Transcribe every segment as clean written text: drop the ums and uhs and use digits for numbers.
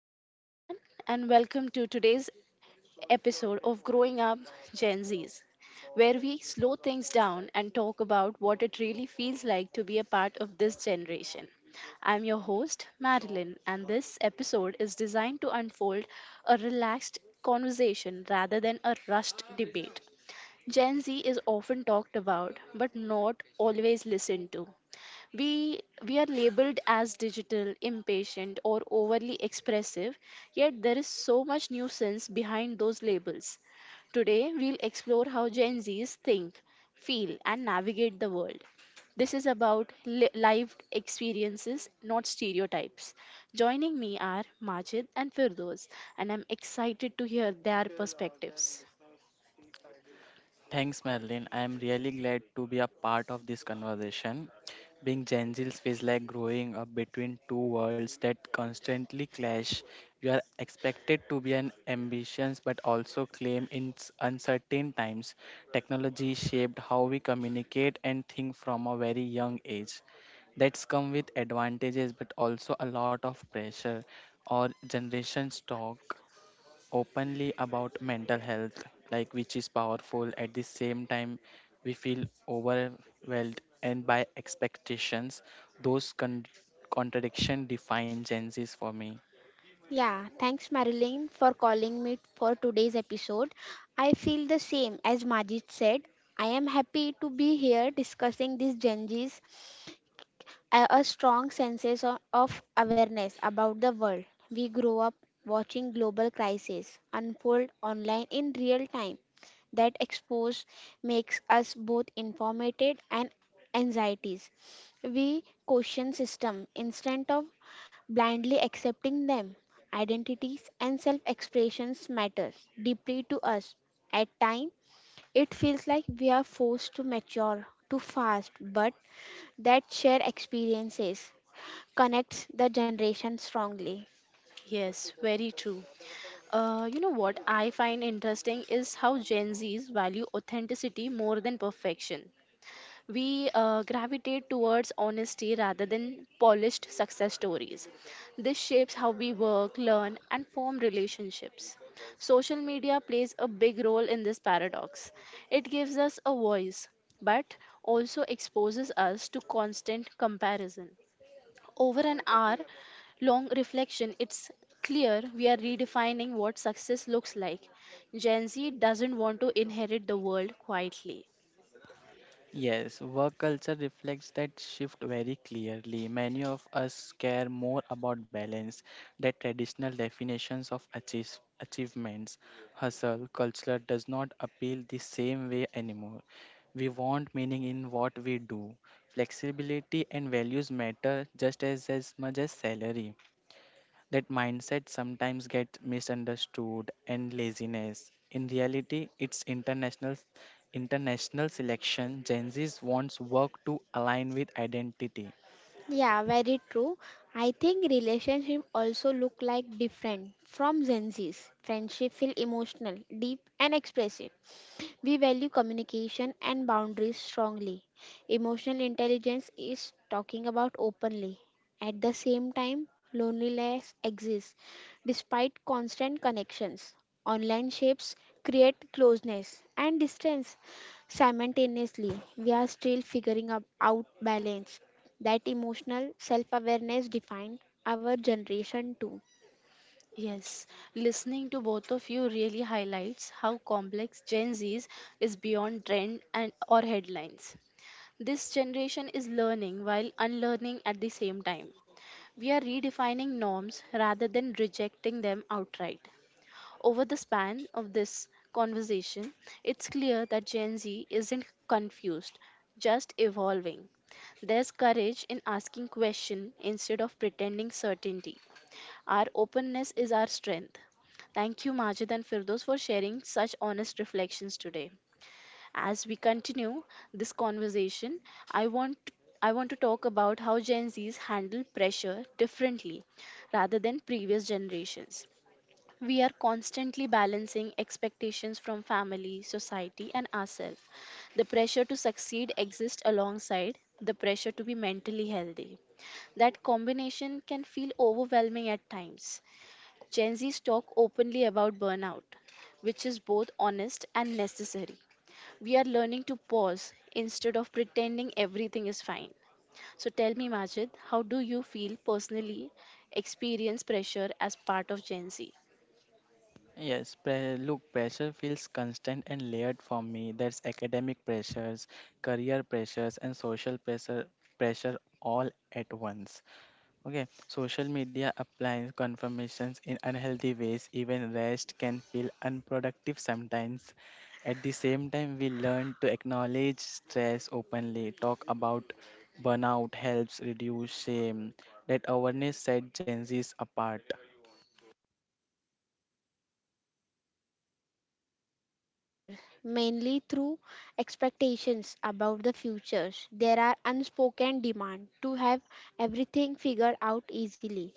Hello, everyone, and welcome to today's episode of Growing Up Gen Zs, where we slow things down and talk about what it really feels like to be a part of this generation. I'm your host, Marilyn, and this episode is designed to unfold a relaxed conversation rather than a rushed debate. Gen Z is often talked about but not always listened to. We we are labeled as digital impatient or overly expressive, yet there is so much nuisance behind those labels. Today we'll explore how Gen Z's think, feel, and navigate the world. This is about live experiences, not stereotypes. Joining me are Majid and Firdos, and I'm excited to hear their perspectives. Thanks, Madeline. I am really glad to be a part of this conversation. Being Gen Zs feels like growing up between two worlds that constantly clash. You are expected to be an ambitious but also claim in uncertain times. Technology shaped how we communicate and think from a very young age. That's come with advantages but also a lot of pressure. Our generations talk openly about mental health, like which is powerful. At the same time, we feel overwhelmed and by expectations. Those contradiction define Gen Z's for me. Yeah, thanks Marilyn for calling me for today's episode. I feel the same as Majid said. I am happy to be here discussing these Gen Zs, a strong sense of awareness about the world. We grow up watching global crises unfold online in real time. That expose makes us both informated and anxieties. We question system instead of blindly accepting them. Identities and self expressions matter deeply to us. At times, it feels like we are forced to mature too fast, but that shared experiences connects the generation strongly. Yes, very true. You know what I find interesting is how Gen Zs value authenticity more than perfection. We gravitate towards honesty rather than polished success stories. This shapes how we work, learn, and form relationships. Social media plays a big role in this paradox. It gives us a voice, but also exposes us to constant comparison. Over an hour long reflection, it's clear we are redefining what success looks like. Gen Z doesn't want to inherit the world quietly. Yes, work culture reflects that shift very clearly. Many of us care more about balance, that traditional definitions of achievements, hustle, culture does not appeal the same way anymore. We want meaning in what we do. Flexibility and values matter just as much as salary. That mindset sometimes gets misunderstood and laziness. In reality, it's international selection. Gen Z wants work to align with identity. Yeah, very true. I think relationship also look like different from Gen Z's. Friendship feel emotional, deep and expressive. We value communication and boundaries strongly. Emotional intelligence is talking about openly. At the same time, loneliness exists despite constant connections. Online shapes create closeness and distance simultaneously. We are still out balance. That emotional self awareness defined our generation too. Yes, listening to both of you really highlights how complex Gen Z's is beyond trend and or headlines. This generation is learning while unlearning at the same time. We are redefining norms rather than rejecting them outright. Over the span of this conversation, it's clear that Gen Z isn't confused, just evolving. There's courage in asking questions instead of pretending certainty. Our openness is our strength. Thank you, Majid and Firdos, for sharing such honest reflections today. As we continue this conversation, I want I want to talk about how Gen Zs handle pressure differently rather than previous generations. We are constantly balancing expectations from family, society, and ourselves. The pressure to succeed exists alongside the pressure to be mentally healthy. That combination can feel overwhelming at times. Gen Z's talk openly about burnout, which is both honest and necessary. We are learning to pause instead of pretending everything is fine. So tell me, Majid, how do you feel personally experience pressure as part of Gen Z? Yes, look, pressure feels constant and layered for me. There's academic pressures, career pressures, and social pressure all at once. Okay, social media applies confirmations in unhealthy ways. Even rest can feel unproductive sometimes. At the same time, we learn to acknowledge stress openly, talk about burnout helps reduce shame. That awareness set Gen Z's apart. Pressure, mainly through expectations about the futures. There are unspoken demand to have everything figured out easily,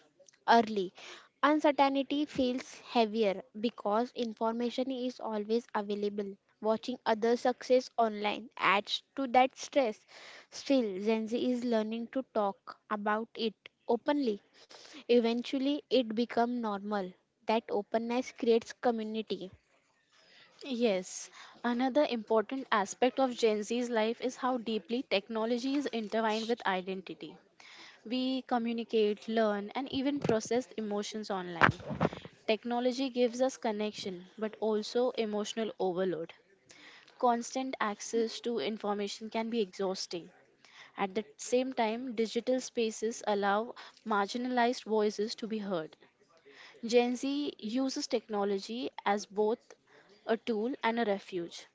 early. Uncertainty feels heavier because information is always available. Watching other success online adds to that stress. Still, Gen Z is learning to talk about it openly. Eventually, it becomes normal. That openness creates community. Yes, another important aspect of Gen Z's life is how deeply technology is intertwined with identity. We communicate, learn, and even process emotions online. Technology gives us connection, but also emotional overload. Constant access to information can be exhausting. At the same time, digital spaces allow marginalized voices to be heard. Gen Z uses technology as both a tool and a refuge.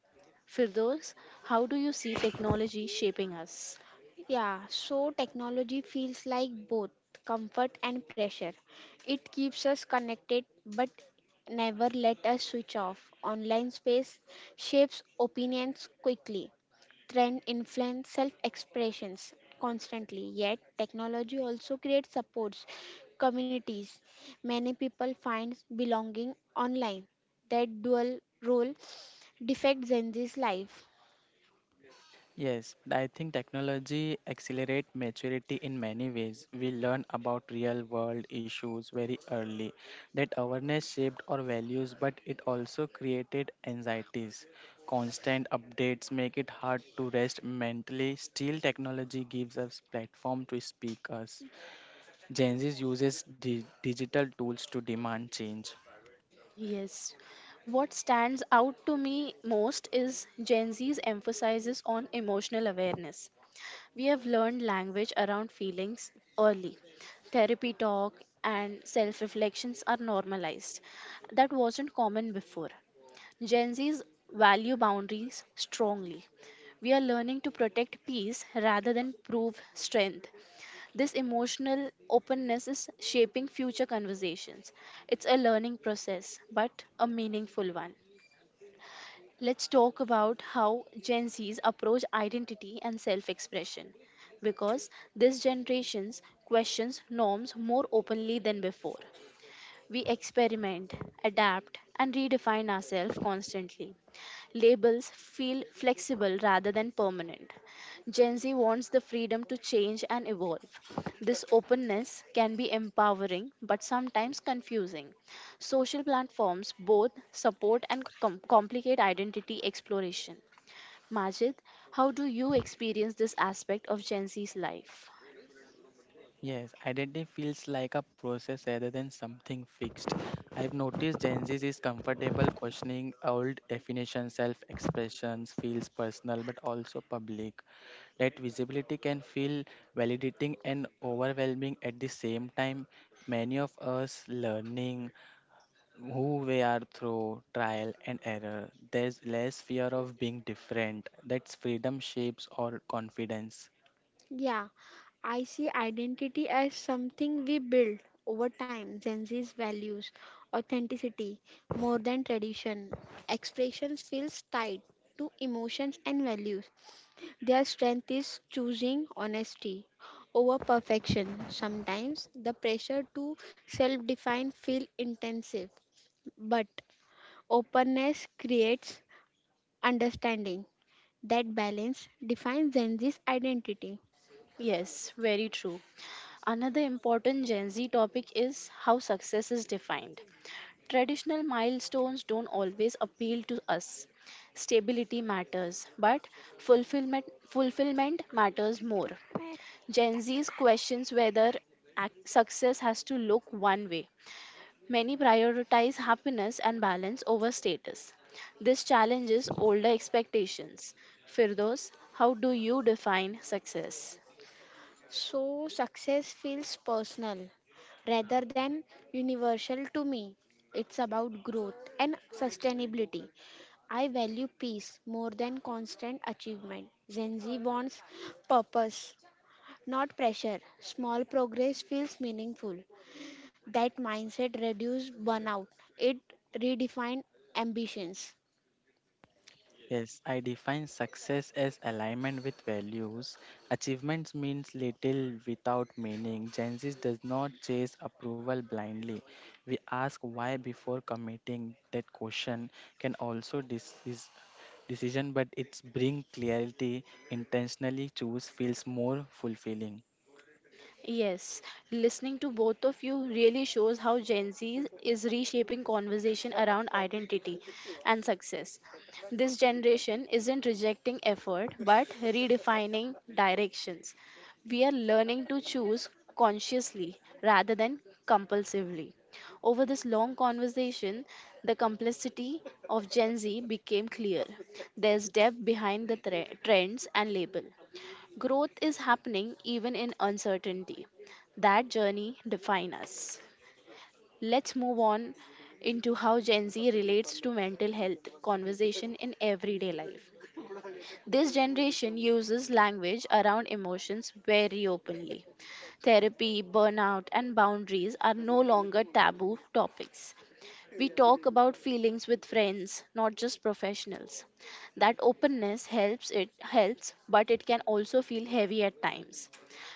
Firdos, how do you see technology shaping us? Yeah, so technology feels like both comfort and pressure. It keeps us connected but never let us switch off. Online space shapes opinions quickly. Trend influence self expressions constantly. Yet, technology also creates supports, communities. Many people find belonging online. That dual role defects Gen Z's life. Yes, I think technology accelerate maturity in many ways. We learn about real world issues very early. That awareness shaped our values, but it also created anxieties. Constant updates make it hard to rest mentally. Still, technology gives us platform to speak us. Gen Z uses digital tools to demand change. Yes. What stands out to me most is Gen Z's emphasis on emotional awareness. We have learned language around feelings early. Therapy talk and self reflections are normalized. That wasn't common before. Gen Z's value boundaries strongly. We are learning to protect peace rather than prove strength. This emotional openness is shaping future conversations. It's a learning process, but a meaningful one. Let's talk about how Gen Z's approach identity and self expression, because this generation's questions norms more openly than before. We experiment, adapt, and redefine ourselves constantly. Labels feel flexible rather than permanent. Gen Z wants the freedom to change and evolve. This openness can be empowering but sometimes confusing. Social platforms both support and complicate identity exploration. Majid, how do you experience this aspect of Gen Z's life? Yes, identity feels like a process rather than something fixed. I've noticed Gen Z is comfortable questioning old definitions, self expressions, feels personal but also public. That visibility can feel validating and overwhelming at the same time. Many of us learning who we are through trial and error. There's less fear of being different. That's freedom shapes our confidence. Yeah, I see identity as something we build over time. Gen Z's values, authenticity, more than tradition. Expressions feels tied to emotions and values. Their strength is choosing honesty over perfection. Sometimes the pressure to self-define feel intensive, but openness creates understanding. That balance defines Gen Z's identity. Yes, very true. Another important Gen Z topic is how success is defined. Traditional milestones don't always appeal to us. Stability matters, but fulfillment matters more. Gen Zs questions whether success has to look one way. Many prioritize happiness and balance over status. This challenges older expectations. Firdos, how do you define success? So success feels personal rather than universal to me. It's about growth and sustainability. I value peace more than constant achievement. Gen Z wants purpose, not pressure. Small progress feels meaningful. That mindset reduces burnout. It redefined ambitions. Yes, I define success as alignment with values. Achievements means little without meaning. Gen Z does not chase approval blindly. We ask why before committing. That question can also dis- is decision, but it's bring clarity. Intentionally choose feels more fulfilling. Yes, listening to both of you really shows how Gen Z is reshaping conversation around identity and success. This generation isn't rejecting effort but redefining directions. We are learning to choose consciously rather than compulsively. Over this long conversation, the complexity of Gen Z became clear. There's depth behind the trends and label. Growth is happening even in uncertainty. That journey defines us. Let's move on into how Gen Z relates to mental health conversation in everyday life. This generation uses language around emotions very openly. Therapy, burnout, and boundaries are no longer taboo topics. We talk about feelings with friends, not just professionals. That openness helps it helps, but it can also feel heavy at times.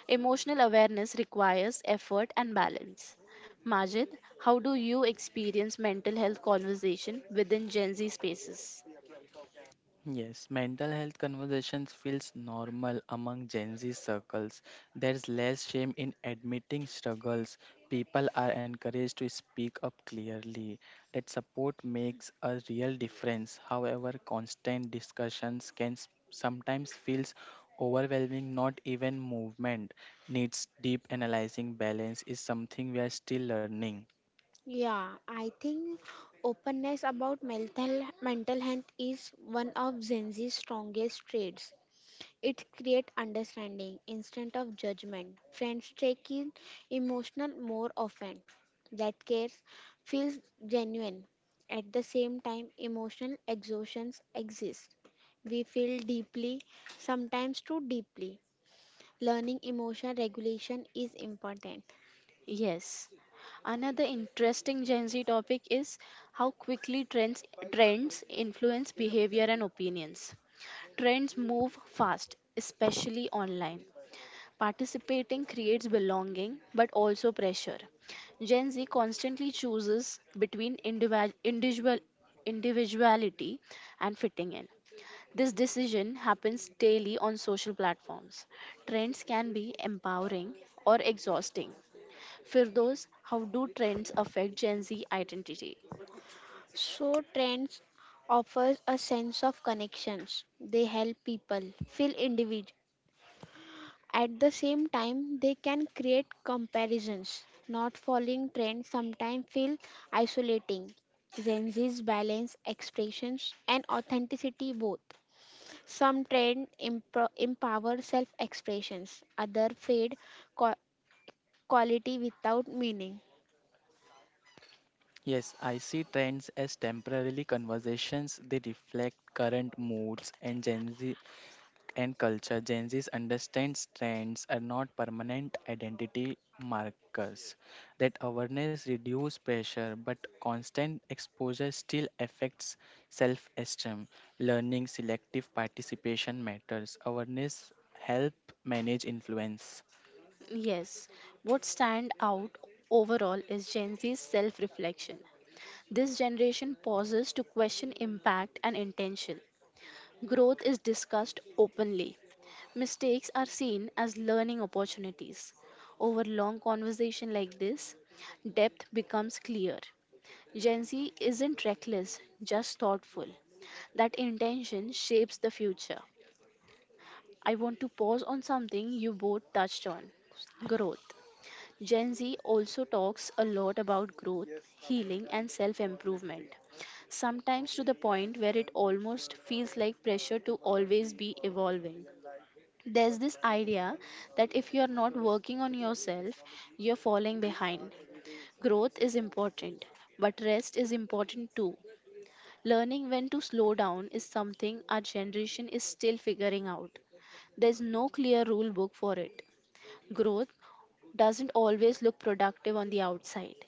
Emotional awareness requires effort and balance. Majid, how do you experience mental health conversation within Gen Z spaces? Yes, mental health conversations feels normal among Gen Z circles. There's less shame in admitting struggles. People are encouraged to speak up clearly. That support makes a real difference. However, constant discussions can sometimes feels overwhelming. Not even movement needs deep analyzing. Balance is something we are still learning. Yeah, I think openness about mental health is one of Gen Z's strongest traits. It creates understanding instead of judgment. Friends take in emotional more often. That care feels genuine. At the same time, emotional exhaustions exist. We feel deeply, sometimes too deeply. Learning emotional regulation is important. Yes. Another interesting Gen Z topic is how quickly trends influence behavior and opinions. Trends move fast, especially online. Participating creates belonging but also pressure. Gen Z constantly chooses between individuality and fitting in. This decision happens daily on social platforms. Trends can be empowering or exhausting. Firdos, how do trends affect Gen Z identity? So trends offers a sense of connections. They help people feel individual. At the same time, they can create comparisons. Not following trends sometimes feel isolating. Gen Z's balance expressions and authenticity both. Some empower self-expressions. Other qua- quality without meaning. Yes, I see trends as temporarily conversations. They reflect current moods and Gen Z and culture. Gen Z understands trends are not permanent identity markers. That awareness reduces pressure, but constant exposure still affects self-esteem. Learning selective participation matters. Awareness help manage influence. Yes, what stand out overall is Gen Z's self-reflection. This generation pauses to question impact and intention. Growth is discussed openly. Mistakes are seen as learning opportunities. Over long conversation like this, depth becomes clear. Gen Z isn't reckless, just thoughtful. That intention shapes the future. I want to pause on something you both touched on: growth. Gen Z also talks a lot about growth, healing, and self improvement, sometimes to the point where it almost feels like pressure to always be evolving. There's this idea that if you're not working on yourself, you're falling behind. Growth is important, but rest is important too. Learning when to slow down is something our generation is still figuring out. There's no clear rule book for it. Growth doesn't always look productive on the outside.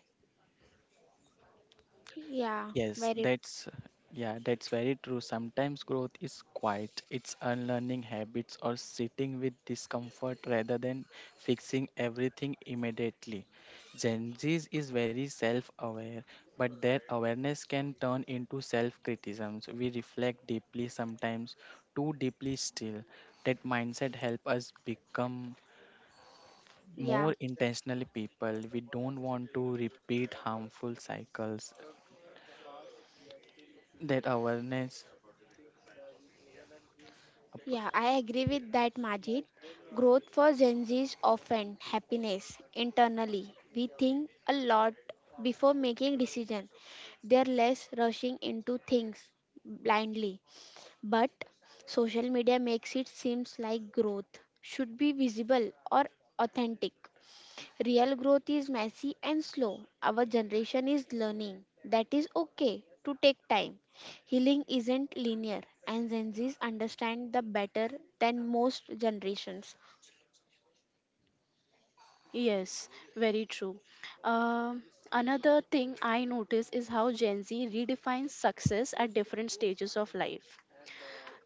Yeah, Yes, very that's yeah, that's very true. Sometimes growth is quiet. It's unlearning habits or sitting with discomfort rather than fixing everything immediately. Gen Z is very self-aware, but their awareness can turn into self-criticisms. We reflect deeply sometimes, too deeply still. That mindset help us become yeah. more intentional people. We don't want to repeat harmful cycles. That awareness Up- Yeah, I agree with that, Majid. Growth for Gen Z is often happiness internally. We think a lot before making decisions. They're less rushing into things blindly. But social media makes it seems like growth should be visible or authentic. Real growth is messy and slow. Our generation is learning. That is okay to take time. Healing isn't linear, and Gen Zs understand the better than most generations. Yes, very true. Um Another thing I notice is how Gen Z redefines success at different stages of life.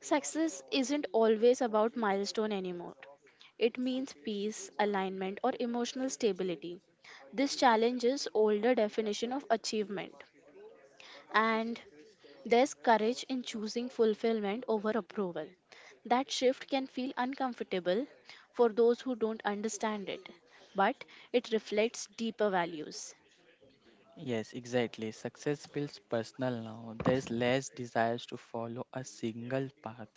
Success isn't always about milestone anymore. It means peace, alignment, or emotional stability. This challenges older definition of achievement, and there's courage in choosing fulfillment over approval. That shift can feel uncomfortable for those who don't understand it, but it reflects deeper values. Yes, exactly. Success feels personal now. There's less desires to follow a single path.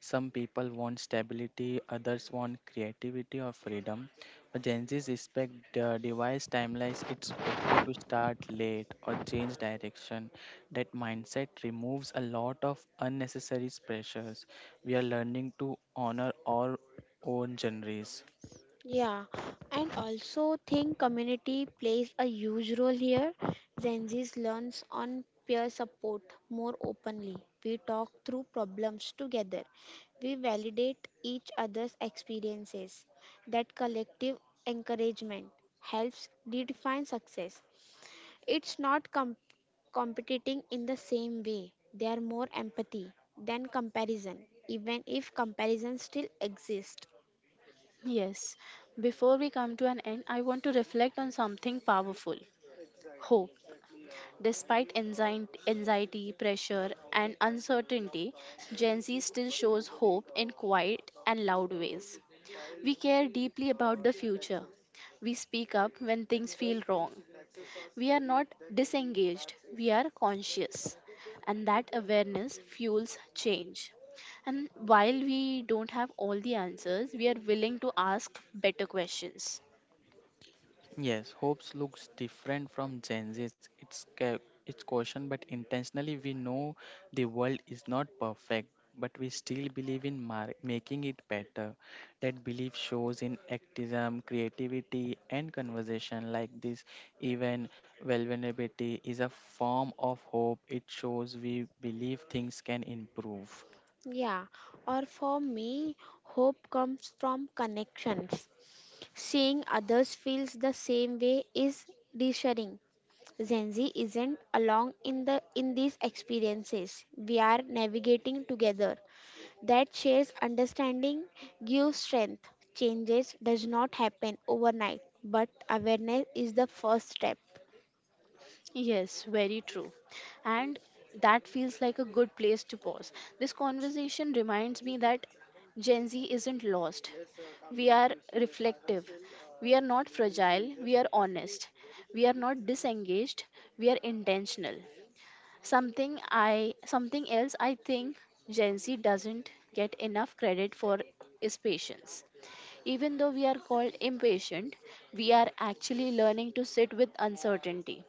Some people want stability, others want creativity or freedom. But Gen Z's respect the device timelines. It's okay to start late or change direction. That mindset removes a lot of unnecessary pressures. We are learning to honor our own journeys. Yeah, and also think community plays a huge role here. Gen Zs learns on peer support more openly. We talk through problems together. We validate each other's experiences. That collective encouragement helps redefine success. It's not com- competing in the same way. They are more empathy than comparison, even if comparison still exists. Yes, before we come to an end, I want to reflect on something powerful: hope. Despite anxiety, pressure, and uncertainty, Gen Z still shows hope in quiet and loud ways. We care deeply about the future. We speak up when things feel wrong. We are not disengaged, we are conscious. And that awareness fuels change. And while we don't have all the answers, we are willing to ask better questions. Yes, hopes looks different from Gen Z's. It's caution, but intentionally we know the world is not perfect, but we still believe in making it better. That belief shows in activism, creativity, and conversation like this. Even vulnerability is a form of hope. It shows we believe things can improve. Yeah, or for me, hope comes from connections. Seeing others feels the same way is reassuring. Gen Z isn't alone in these experiences. We are navigating together. That shares understanding gives strength. Changes does not happen overnight, but awareness is the first step. Yes, very true. And that feels like a good place to pause. This conversation reminds me that Gen Z isn't lost. We are reflective. We are not fragile. We are honest. We are not disengaged. We are intentional. Something else I think Gen Z doesn't get enough credit for is patience. Even though we are called impatient, we are actually learning to sit with uncertainty.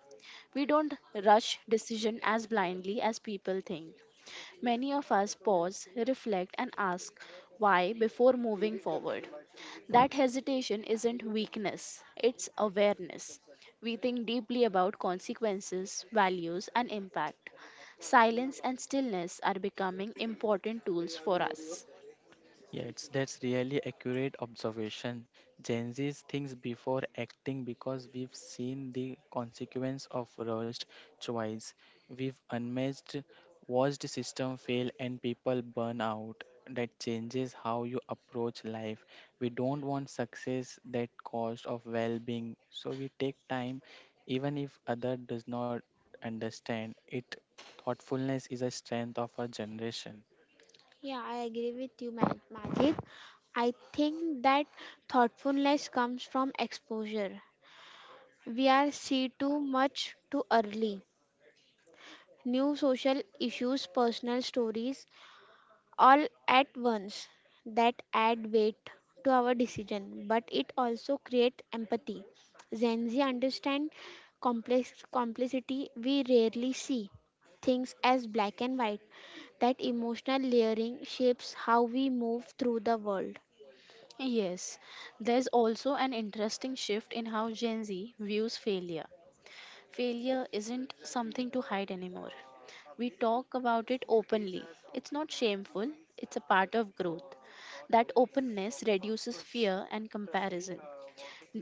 We don't rush decision as blindly as people think. Many of us pause, reflect, and ask why before moving forward. That hesitation isn't weakness, it's awareness. We think deeply about consequences, values, and impact. Silence and stillness are becoming important tools for us. Yeah, it's that's really accurate observation. Gen Z's thinks before acting because we've seen the consequence of rushed choice. We've unmatched watched system fail and people burn out. That changes how you approach life. We don't want success that cost of well-being, so we take time, even if other does not understand it. Thoughtfulness is a strength of our generation. Yeah, I agree with you, Majid. I think that thoughtfulness comes from exposure. We are see too much too early. New social issues, personal stories, all at once that add weight to our decision, but it also creates empathy. Gen Z understand complexity we rarely see things as black and white. That emotional layering shapes how we move through the world. Yes, there's also an interesting shift in how Gen Z views failure. Failure isn't something to hide anymore. We talk about it openly. It's not shameful, it's a part of growth. That openness reduces fear and comparison.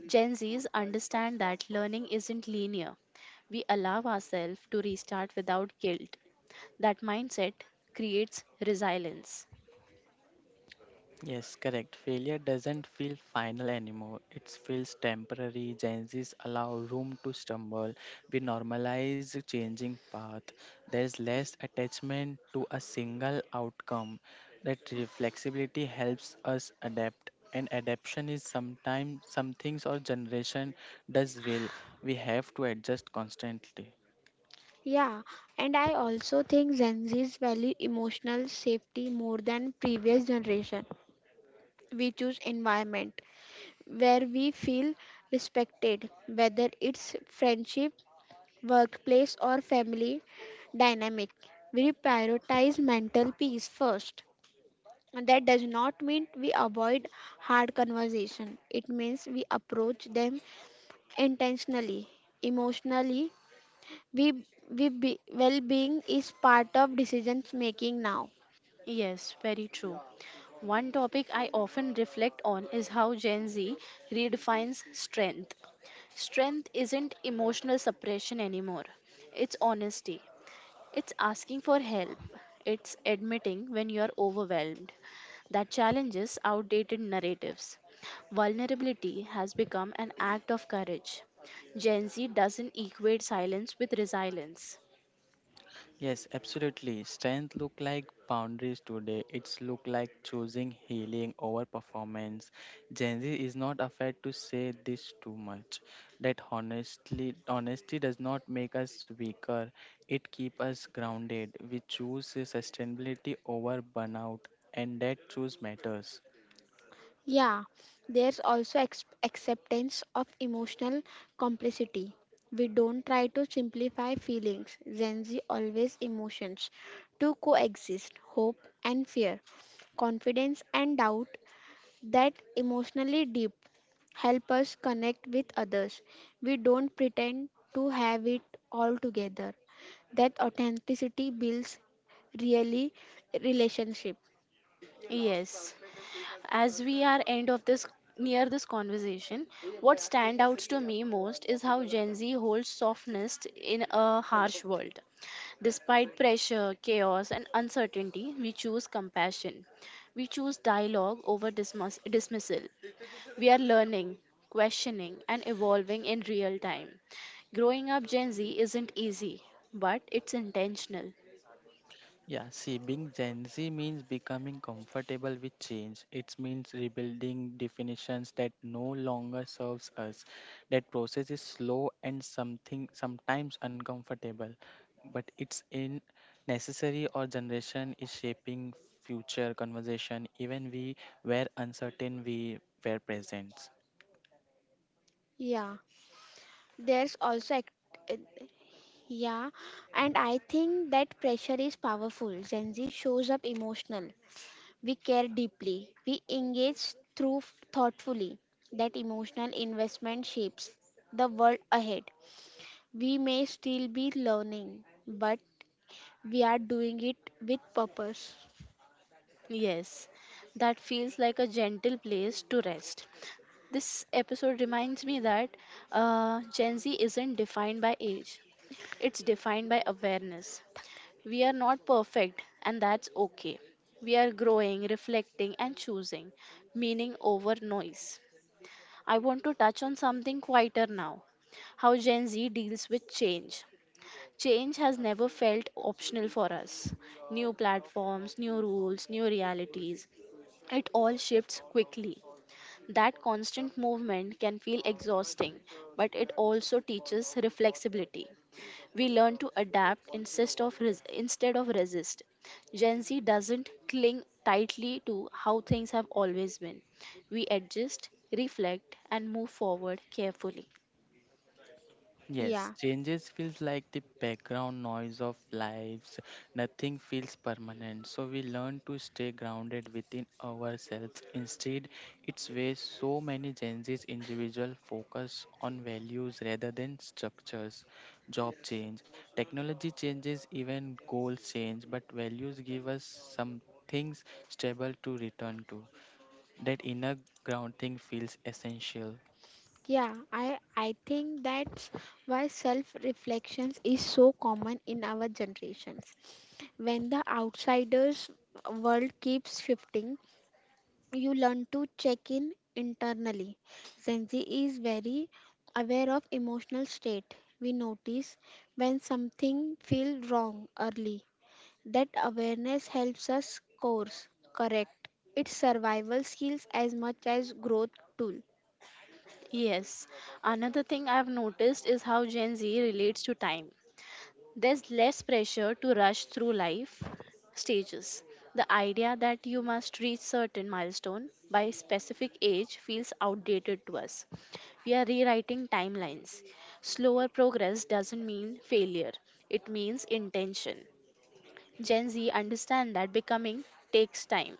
Gen Zs understand that learning isn't linear. We allow ourselves to restart without guilt. That mindset creates resilience. Yes, correct. Failure doesn't feel final anymore. It feels temporary. Gen Zs allow room to stumble. We normalize changing path. There's less attachment to a single outcome. That flexibility helps us adapt. And adaptation is sometimes some things or generation does will. We have to adjust constantly. Yeah, and I also think Gen Z's value emotional safety more than previous generation. We choose environment where we feel respected, whether it's friendship, workplace, or family dynamic. We prioritize mental peace first. And that does not mean we avoid hard conversation. It means we approach them intentionally, emotionally. Well-being is part of decisions making now. Yes, very true. One topic I often reflect on is how Gen Z redefines strength. Strength isn't emotional suppression anymore. It's honesty. It's asking for help. It's admitting when you are overwhelmed. That challenges outdated narratives. Vulnerability has become an act of courage. Gen Z doesn't equate silence with resilience. Yes, absolutely. Strength look like boundaries today. It's look like choosing healing over performance. Gen Z is not afraid to say this too much. That honestly honesty does not make us weaker. It keep us grounded. We choose sustainability over burnout and that choose matters. Yeah, there's also acceptance of emotional complexity. We don't try to simplify feelings. Gen Z always emotions to coexist hope and fear, confidence and doubt that emotionally deep help us connect with others. We don't pretend to have it all together. That authenticity builds really relationship. Yes. As we are end of this near this conversation, what stand out to me most is how Gen Z holds softness in a harsh world. Despite pressure, chaos, and uncertainty, we choose compassion. We choose dialogue over dismissal. We are learning, questioning, and evolving in real time. Growing up Gen Z isn't easy, but it's intentional. Yeah, see, being Gen Z means becoming comfortable with change. It means rebuilding definitions that no longer serves us. That process is slow and something sometimes uncomfortable, but it's in necessary. Our generation is shaping future conversation. Even we were uncertain, we were present. Yeah, there's also act- uh, Yeah, and I think that pressure is powerful. Gen Z shows up emotional. We care deeply. We engage through thoughtfully. That emotional investment shapes the world ahead. We may still be learning, but we are doing it with purpose. Yes, that feels like a gentle place to rest. This episode reminds me that Gen Z isn't defined by age, it's defined by awareness. We are not perfect, and that's okay. We are growing, reflecting, and choosing meaning over noise. I want to touch on something quieter now: how Gen Z deals with change. Change has never felt optional for us. New platforms, new rules, new realities. It all shifts quickly. That constant movement can feel exhausting, but it also teaches reflexibility. We learn to adapt instead of resist. Gen Z doesn't cling tightly to how things have always been. We adjust, reflect, and move forward carefully. Yes, Yeah, changes feels like the background noise of lives. Nothing feels permanent. So we learn to stay grounded within ourselves. Instead, it's where so many Gen Z's individual focus on values rather than structures. Job change, technology changes, even goals change, but values give us some things stable to return to. That inner grounding feels essential. yeah, I think that's why self reflections is so common in our generations. When the outsiders world keeps shifting, you learn to check in internally. Zenzi is very aware of emotional state. We notice when something feels wrong early. That awareness helps us course correct. It's survival skills as much as growth tool. Yes, another thing I've noticed is how Gen Z relates to time. There's less pressure to rush through life stages. The idea that you must reach certain milestone by specific age feels outdated to us. We are rewriting timelines. Slower progress doesn't mean failure. It means intention. Gen Z understand that becoming takes time.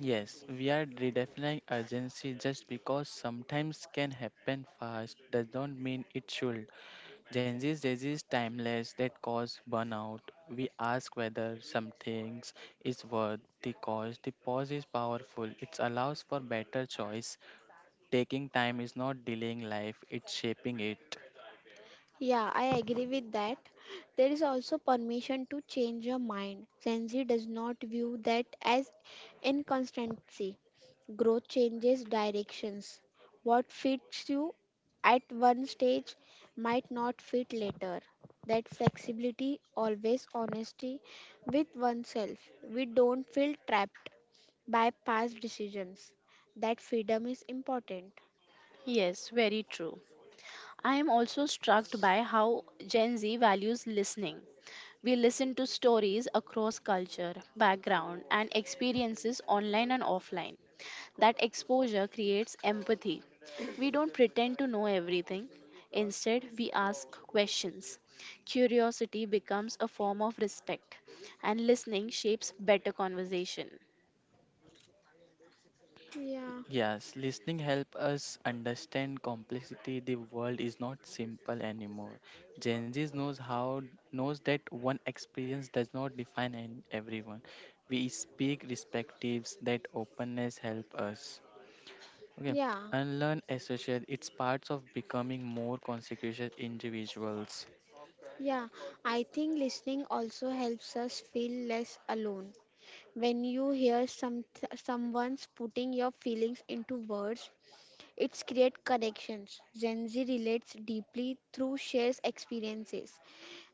Yes, we are redefining urgency just because sometimes can happen fast does not mean it should. Gen Z disease timeless that cause burnout. We ask whether some things is worth the cost. The pause is powerful. It allows for better choice. Taking time is not delaying life, it's shaping it. Yeah, I agree with that. There is also permission to change your mind. Sensi does not view that as inconsistency. Growth changes directions. What fits you at one stage might not fit later. That flexibility, always honesty with oneself. We don't feel trapped by past decisions. That freedom is important. Yes, very true. I am also struck by how Gen Z values listening. We listen to stories across culture, background, and experiences online and offline. That exposure creates empathy. We don't pretend to know everything. Instead, we ask questions. Curiosity becomes a form of respect, and listening shapes better conversation. Yeah, Yes, listening help us understand complexity. The world is not simple anymore. Gen Z knows that one experience does not define an, everyone. We speak perspectives that openness help us. Okay, yeah. unlearn associate. It's parts of becoming more consecutive individuals. Yeah, I think listening also helps us feel less alone. When you hear someone's putting your feelings into words, it's create connections. Gen Z relates deeply through shares experiences.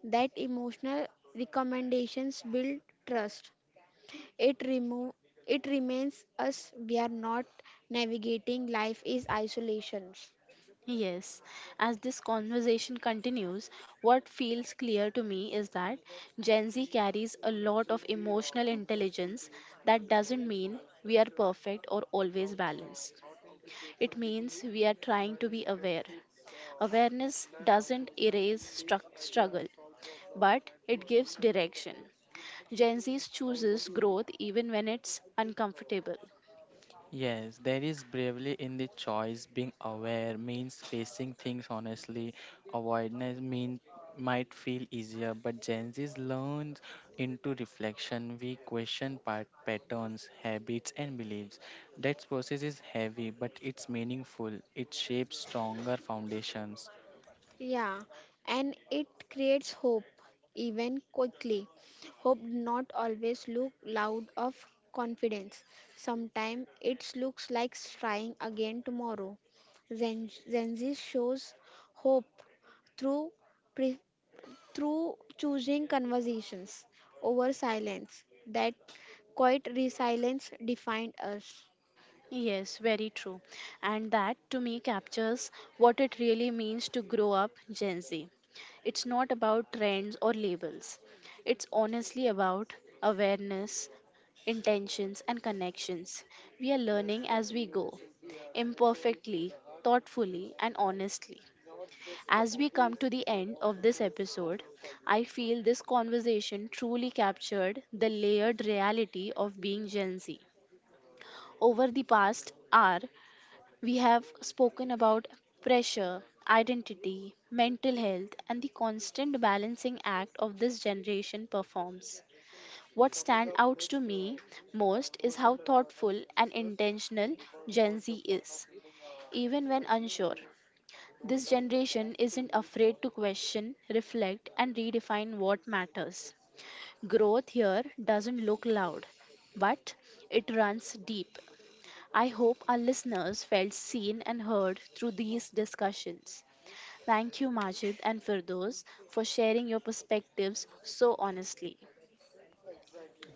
That emotional recommendations build trust. It remove it remains us we are not navigating life is isolations. Yes, as this conversation continues, what feels clear to me is that Gen Z carries a lot of emotional intelligence. That doesn't mean we are perfect or always balanced. It means we are trying to be aware. Awareness doesn't erase struck struggle, but it gives direction. Gen Z chooses growth even when it's uncomfortable. Yes, there is bravery in the choice. Being aware means facing things honestly. Avoidance mean might feel easier, but Gen Z learns into reflection. We question patterns, habits, and beliefs. That process is heavy, but it's meaningful. It shapes stronger foundations. Yeah, and it creates hope, even quickly. Hope not always look loud of confidence. Sometimes it looks like trying again tomorrow. Zenzi shows hope through pre- through choosing conversations over silence. That quiet resilience defined us. Yes, very true. And that to me captures what it really means to grow up Gen Z. It's not about trends or labels, it's honestly about awareness, intentions, and connections. We are learning as we go, imperfectly, thoughtfully, and honestly. As we come to the end of this episode, I feel this conversation truly captured the layered reality of being Gen Z. Over the past hour, we have spoken about pressure, identity, mental health, and the constant balancing act of this generation performs. What stands out to me most is how thoughtful and intentional Gen Z is, even when unsure. This generation isn't afraid to question, reflect, and redefine what matters. Growth here doesn't look loud, but it runs deep. I hope our listeners felt seen and heard through these discussions. Thank you, Majid and Firdos, for sharing your perspectives so honestly.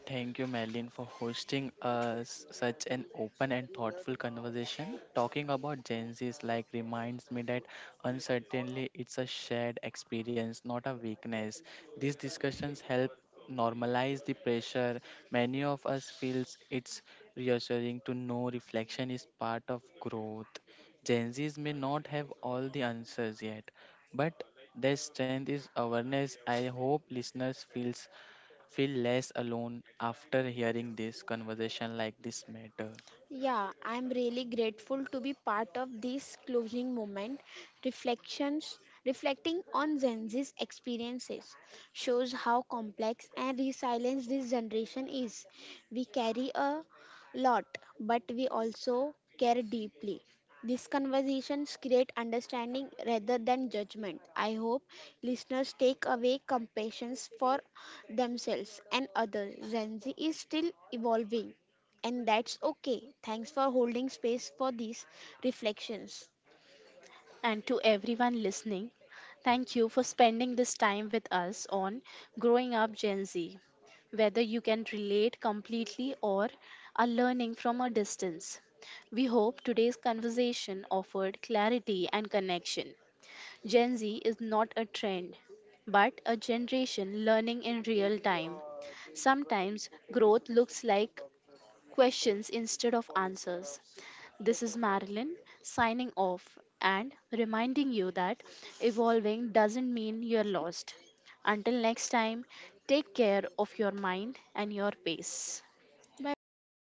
Thank you, Madeline, for hosting us such an open and thoughtful conversation. Talking about Gen Z's like reminds me that uncertainty it's a shared experience, not a weakness. These discussions help normalize the pressure. Many of us feels it's reassuring to know reflection is part of growth. Gen Z's may not have all the answers yet, but their strength is awareness. I hope listeners feel less alone after hearing this conversation like this matter. Yeah, I'm really grateful to be part of this closing moment. Reflections Reflecting on Gen Z's experiences shows how complex and resilient this generation is. We carry a lot, but we also care deeply. These conversations create understanding rather than judgment. I hope listeners take away compassion for themselves and others. Gen Z is still evolving and that's okay. Thanks for holding space for these reflections. And to everyone listening, thank you for spending this time with us on Growing Up Gen Z. Whether you can relate completely or are learning from a distance, we hope today's conversation offered clarity and connection. Gen Z is not a trend, but a generation learning in real time. Sometimes growth looks like questions instead of answers. This is Marilyn signing off and reminding you that evolving doesn't mean you're lost. Until next time, take care of your mind and your pace. Bye bye.